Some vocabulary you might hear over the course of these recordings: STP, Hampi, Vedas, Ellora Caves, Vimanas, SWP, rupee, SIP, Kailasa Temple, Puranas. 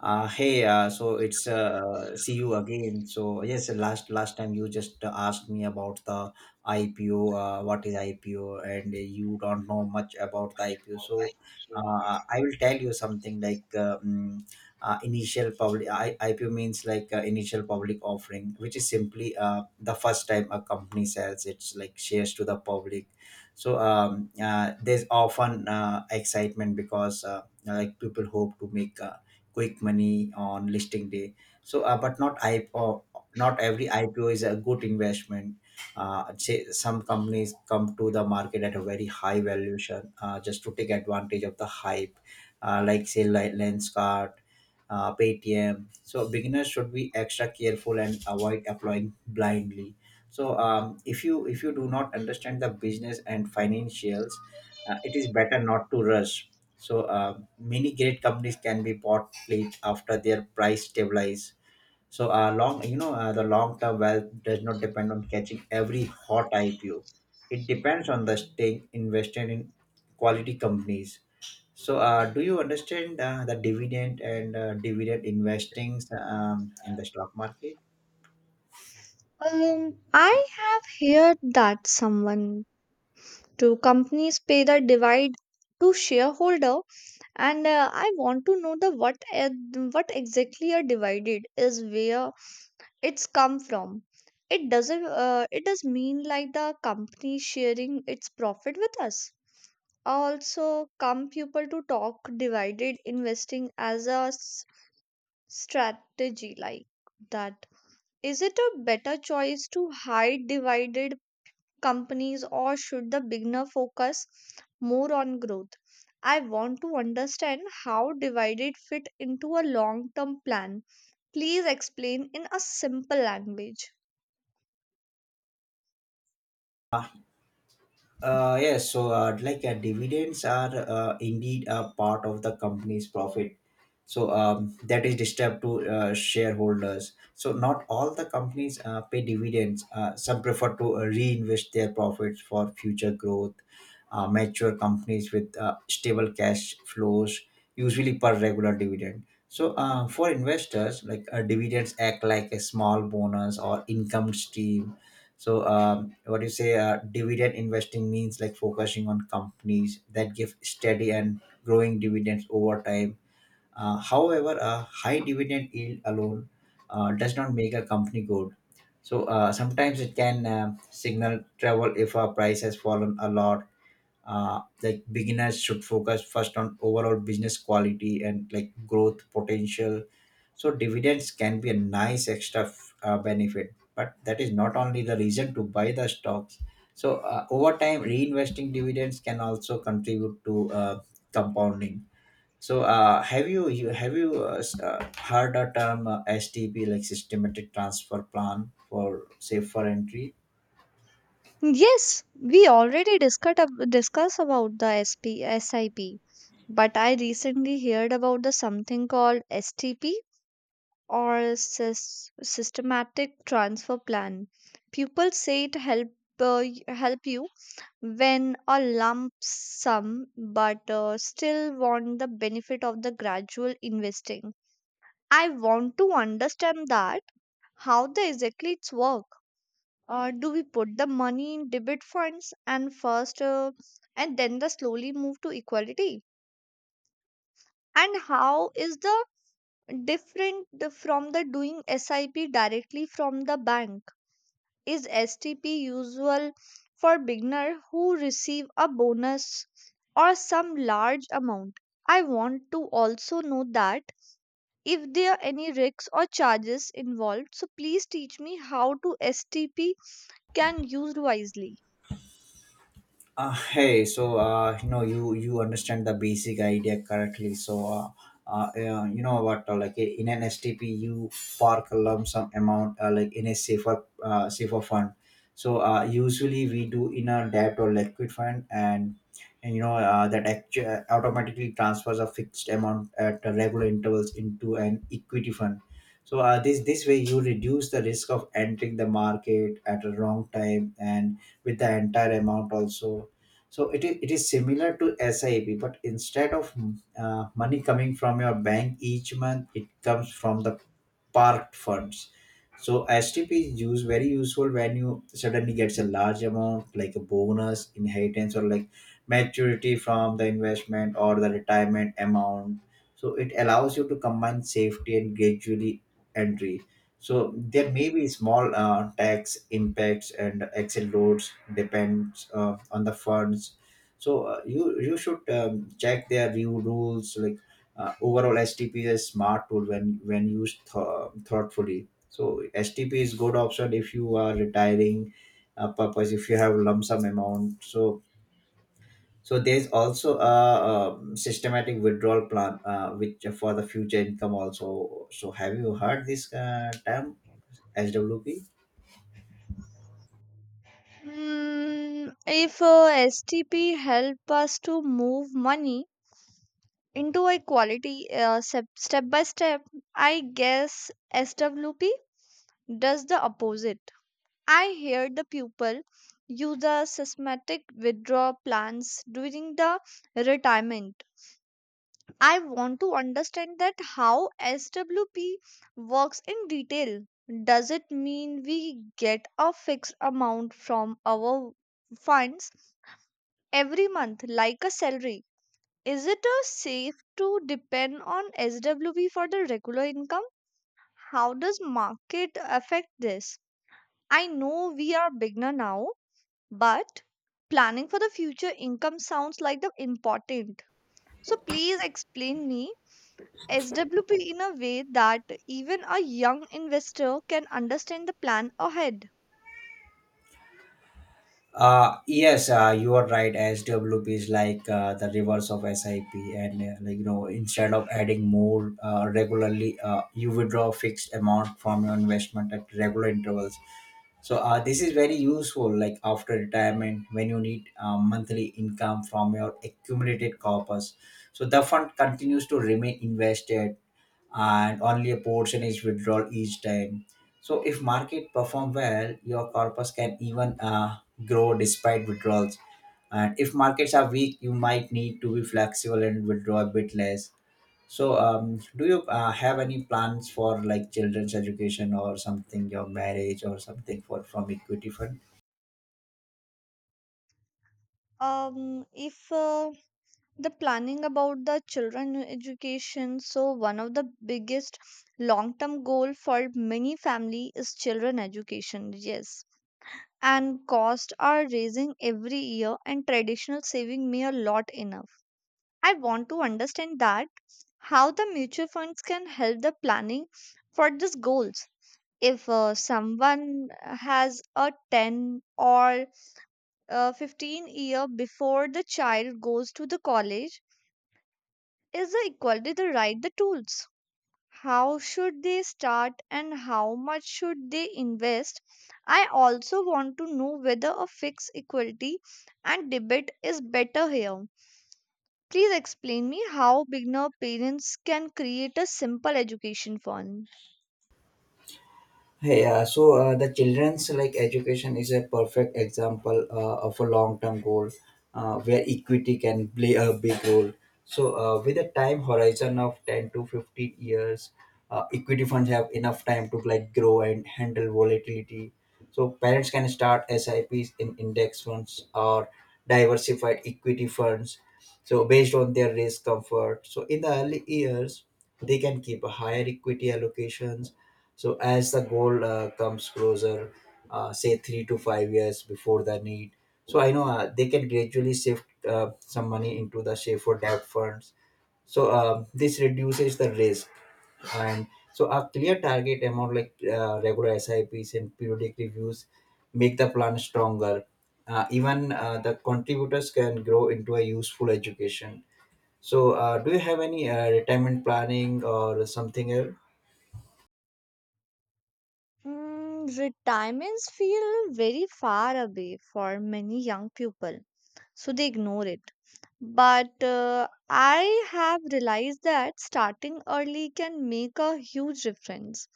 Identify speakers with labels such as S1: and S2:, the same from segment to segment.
S1: Hey, so it's see you again. So yes, last time you just asked me about the IPO. What is IPO? And you don't know much about the IPO. So I will tell you something like IPO means like initial public offering, which is simply the first time a company sells its like shares to the public. So there's often excitement because like people hope to make quick money on listing day. So, but not IPO, not every IPO is a good investment. Say some companies come to the market at a very high valuation, just to take advantage of the hype, like say like Lenskart, Paytm. So beginners should be extra careful and avoid applying blindly. So if you do not understand the business and financials, it is better not to rush. So many great companies can be bought late after their price stabilize. So the long-term wealth does not depend on catching every hot IPO. It depends on the staying invested in quality companies. So do you understand the dividend and dividend investings in the stock market?
S2: I have heard that someone two companies pay the divide to shareholder, and I want to know the what what exactly a divided is where it's come from. It doesn't. It does mean like the company sharing its profit with us. Also, come people to talk divided investing as a strategy like that. Is it a better choice to hide divided companies or should the beginner focus more on growth? I want to understand how divided fit into a long term plan. Please explain in a simple language.
S1: Yes, dividends are indeed a part of the company's profit. So that is distributed to shareholders. So not all the companies pay dividends. Some prefer to reinvest their profits for future growth. Mature companies with stable cash flows usually per regular dividend. So for investors, dividends act like a small bonus or income stream. So, what do you say? Dividend investing means like focusing on companies that give steady and growing dividends over time. However, a high dividend yield alone does not make a company good. So, sometimes it can signal trouble if a price has fallen a lot. Like beginners should focus first on overall business quality and like growth potential. So dividends can be a nice extra benefit, but that is not only the reason to buy the stocks. So over time reinvesting dividends can also contribute to compounding. So have you heard a term, STP, like systematic transfer plan, for safer entry?
S2: Yes, we already discussed about the SPSIP, but I recently heard about the something called STP or systematic transfer plan. People say it help help you when a lump sum, but still want the benefit of the gradual investing. I want to understand that how the exactly it's work. Do we put the money in debit funds and first, and then the slowly move to equality? And how is the different from the doing SIP directly from the bank? Is STP usual for beginner who receive a bonus or some large amount? I want to also know that if there are any risks or charges involved, so please teach me how to STP can used wisely.
S1: Hey, so you understand the basic idea correctly. So in an STP, you park a lump sum amount, like in a safer fund. So usually we do in a debt or liquid fund, and that automatically transfers a fixed amount at regular intervals into an equity fund. So this way you reduce the risk of entering the market at a wrong time and with the entire amount also. So it is similar to SIP, but instead of money coming from your bank each month, it comes from the parked funds. So STP is used very useful when you suddenly gets a large amount like a bonus, inheritance, or like maturity from the investment or the retirement amount. So it allows you to combine safety and gradually entry. So there may be small tax impacts and excel loads depends on the funds. So you should check their new rules. Overall, STP is a smart tool when used thoughtfully. So STP is good option if you are retiring purpose, if you have lump sum amount. So there's also a, systematic withdrawal plan, which for the future income also. So have you heard this term? SWP?
S2: If STP help us to move money into a quality step by step, I guess SWP does the opposite. I hear the people use the systematic withdrawal plans during the retirement. I want to understand that how SWP works in detail. Does it mean we get a fixed amount from our funds every month like a salary? Is it safe to depend on SWP for the regular income? How does market affect this? I know we are beginner now, but planning for the future income sounds like the important. So please explain me SWP in a way that even a young investor can understand the plan ahead.
S1: Yes, you are right. SWP is the reverse of SIP, and instead of adding more regularly, you withdraw a fixed amount from your investment at regular intervals. So this is very useful, like after retirement, when you need monthly income from your accumulated corpus. So the fund continues to remain invested, and only a portion is withdrawn each time. So if market perform well, your corpus can even grow despite withdrawals. And if markets are weak, you might need to be flexible and withdraw a bit less. So do you have any plans for like children's education or something, your marriage or something for from equity fund?
S2: If the planning about the children education, so one of the biggest long-term goal for many family is children education. Yes, and costs are raising every year, and traditional saving may a lot enough. I want to understand that how the mutual funds can help the planning for these goals if someone has a 10 or 15 year before the child goes to the college. Is the equality the right the tools? How should they start and how much should they invest? I also want to know whether a fixed equality and debit is better here. Please explain me how beginner parents can create a simple education fund.
S1: Hey, so the children's like education is a perfect example of a long-term goal, where equity can play a big role. So with a time horizon of 10 to 15 years, equity funds have enough time to like grow and handle volatility. So parents can start SIPs in index funds or diversified equity funds, so based on their risk comfort. So in the early years, they can keep a higher equity allocations. So as the goal comes closer, say 3 to 5 years before the need, so I know they can gradually shift some money into the safer debt funds. So this reduces the risk, and so a clear target amount, regular SIPs and periodic reviews make the plan stronger. Even the contributors can grow into a useful education. So, do you have any retirement planning or something else?
S2: Mm, retirements feel very far away for many young people, so they ignore it. But I have realized that starting early can make a huge difference.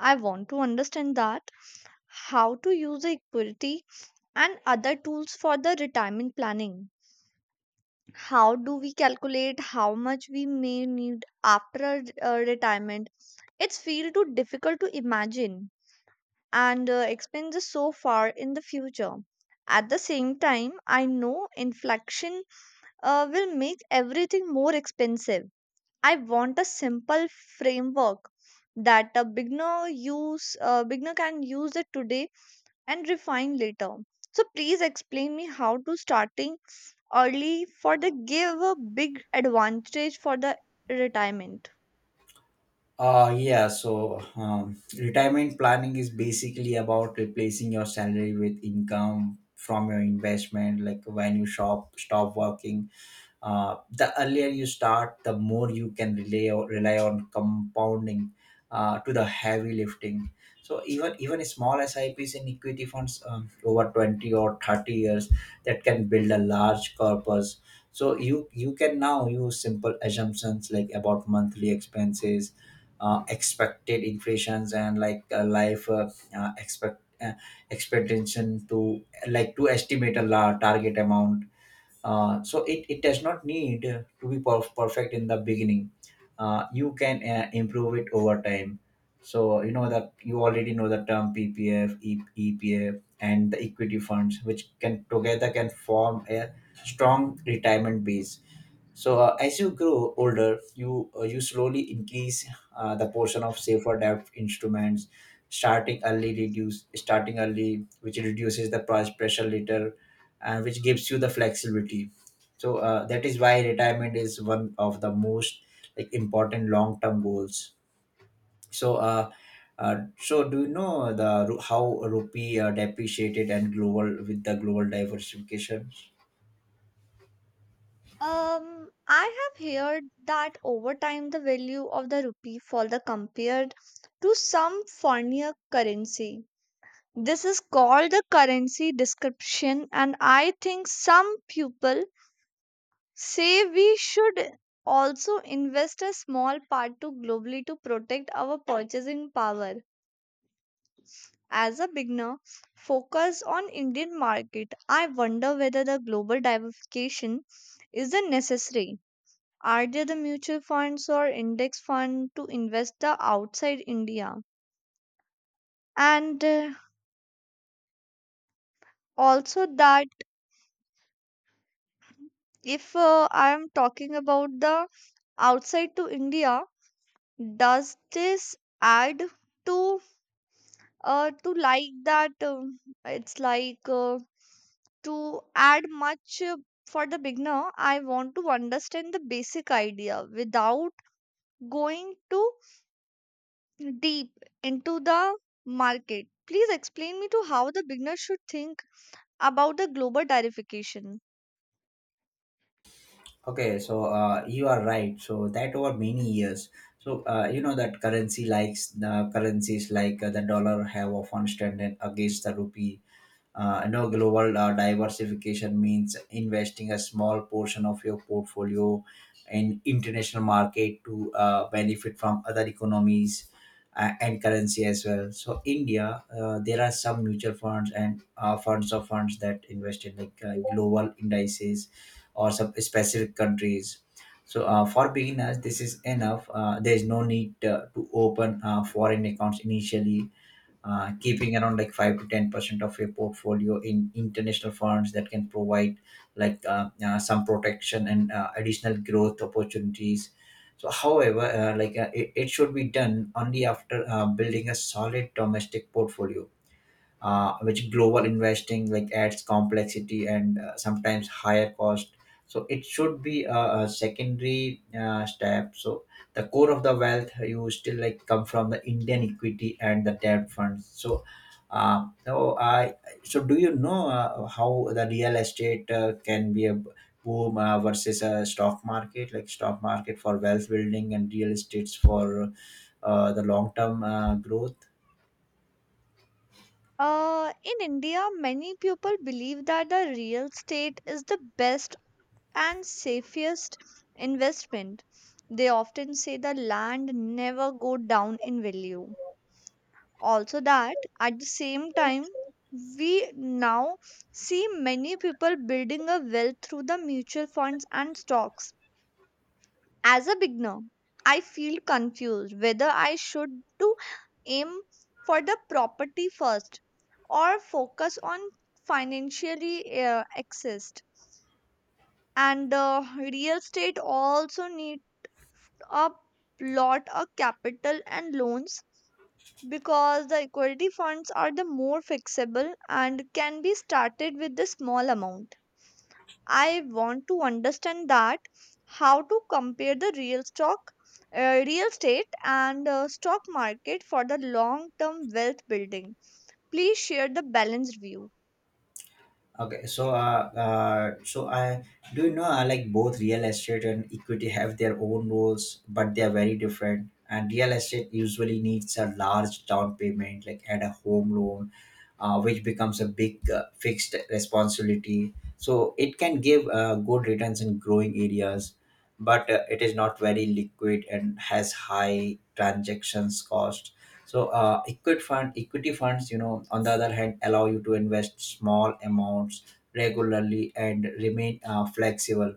S2: I want to understand that how to use the equity and other tools for the retirement planning. How do we calculate how much we may need after retirement? It's feel too difficult to imagine and expenses so far in the future. At the same time, I know inflation will make everything more expensive. I want a simple framework that a beginner can use it today and refine later. So please explain me how to starting early for the give a big advantage for the retirement.
S1: Yeah, so retirement planning is basically about replacing your salary with income from your investment. Like when you stop working, the earlier you start, the more you can rely on compounding to the heavy lifting. So even small SIPs in equity funds over 20 or 30 years that can build a large corpus. So you can now use simple assumptions like about monthly expenses, expected inflations and like life expect expectation to like to estimate a target amount. So it does not need to be perfect in the beginning. You can improve it over time. So you know that you already know the term PPF, EPF, and the equity funds which can together can form a strong retirement base. So as you grow older, you slowly increase the portion of safer depth instruments. Starting early, which reduces the price pressure later, and which gives you the flexibility. So that is why retirement is one of the most like important long term goals. So uh, so do you know how rupee depreciated and global with the global diversification?
S2: I have heard that over time the value of the rupee fall the compared to some foreigner currency. This is called the currency description, and I think some people say we should also invest a small part to globally to protect our purchasing power. As a beginner, focus on Indian market. I wonder whether the global diversification is a necessary. Are there the mutual funds or index fund to invest the outside India? And also that if I am talking about the outside to India, does this add to to like that? It's like to add much for the beginner. I want to understand the basic idea without going to deep into the market. Please explain me to how the beginner should think about the global tarification.
S1: Okay, so you are right. So that over many years, you know that currency likes the currencies the dollar have often strengthened against the rupee. I know global diversification means investing a small portion of your portfolio in international market to benefit from other economies and currency as well. So India, there are some mutual funds and funds of funds that invest in global indices or some specific countries. So for beginners, this is enough. There is no need to open foreign accounts initially. Keeping around like 5 to 10% of your portfolio in international funds that can provide some protection and additional growth opportunities. So however it should be done only after building a solid domestic portfolio, which global investing like adds complexity and sometimes higher cost. So it should be a secondary step. So the core of the wealth you still like come from the Indian equity and the debt funds. So uh, so I so do you know how the real estate can be a boom versus a stock market like stock market for wealth building and real estates for the long term growth?
S2: In India, many people believe that the real estate is the best and safest investment. They often say the land never go down in value. Also that at the same time, we now see many people building a wealth through the mutual funds and stocks. As a beginner, I feel confused whether I should to aim for the property first or focus on financially exist. And real estate also need a lot of capital and loans because the equity funds are the more flexible and can be started with the small amount. I want to understand that how to compare the real stock, real estate, and stock market for the long term wealth building. Please share the balanced view.
S1: Okay, so so I do you know like both real estate and equity have their own rules, but they are very different. And real estate usually needs a large down payment, like and a home loan, which becomes a big fixed responsibility. So it can give good returns in growing areas, but it is not very liquid and has high transactions cost. So equity funds, you know, on the other hand, allow you to invest small amounts regularly and remain flexible.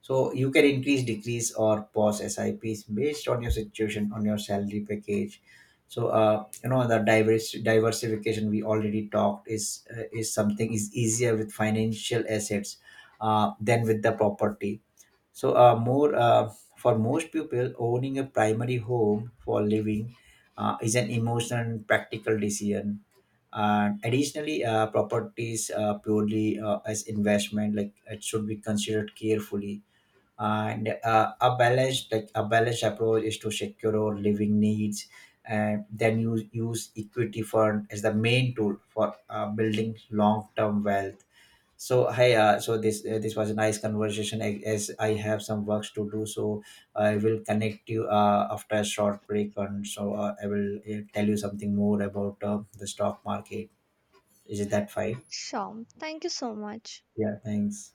S1: So you can increase, decrease, or pause SIPs based on your situation, on your salary package. So you know the diverse diversification we already talked is something is easier with financial assets than with the property. So more For most people owning a primary home for living is an emotional and practical decision. And additionally, properties purely as investment like it should be considered carefully. And a balanced like a balanced approach is to secure our living needs, and then you use equity fund as the main tool for building long-term wealth. So this was a nice conversation, as I have some works to do, so I will connect you after a short break, and I will tell you something more about the stock market. Is it that fine?
S2: Sure. Thank you so much.
S1: Yeah, thanks.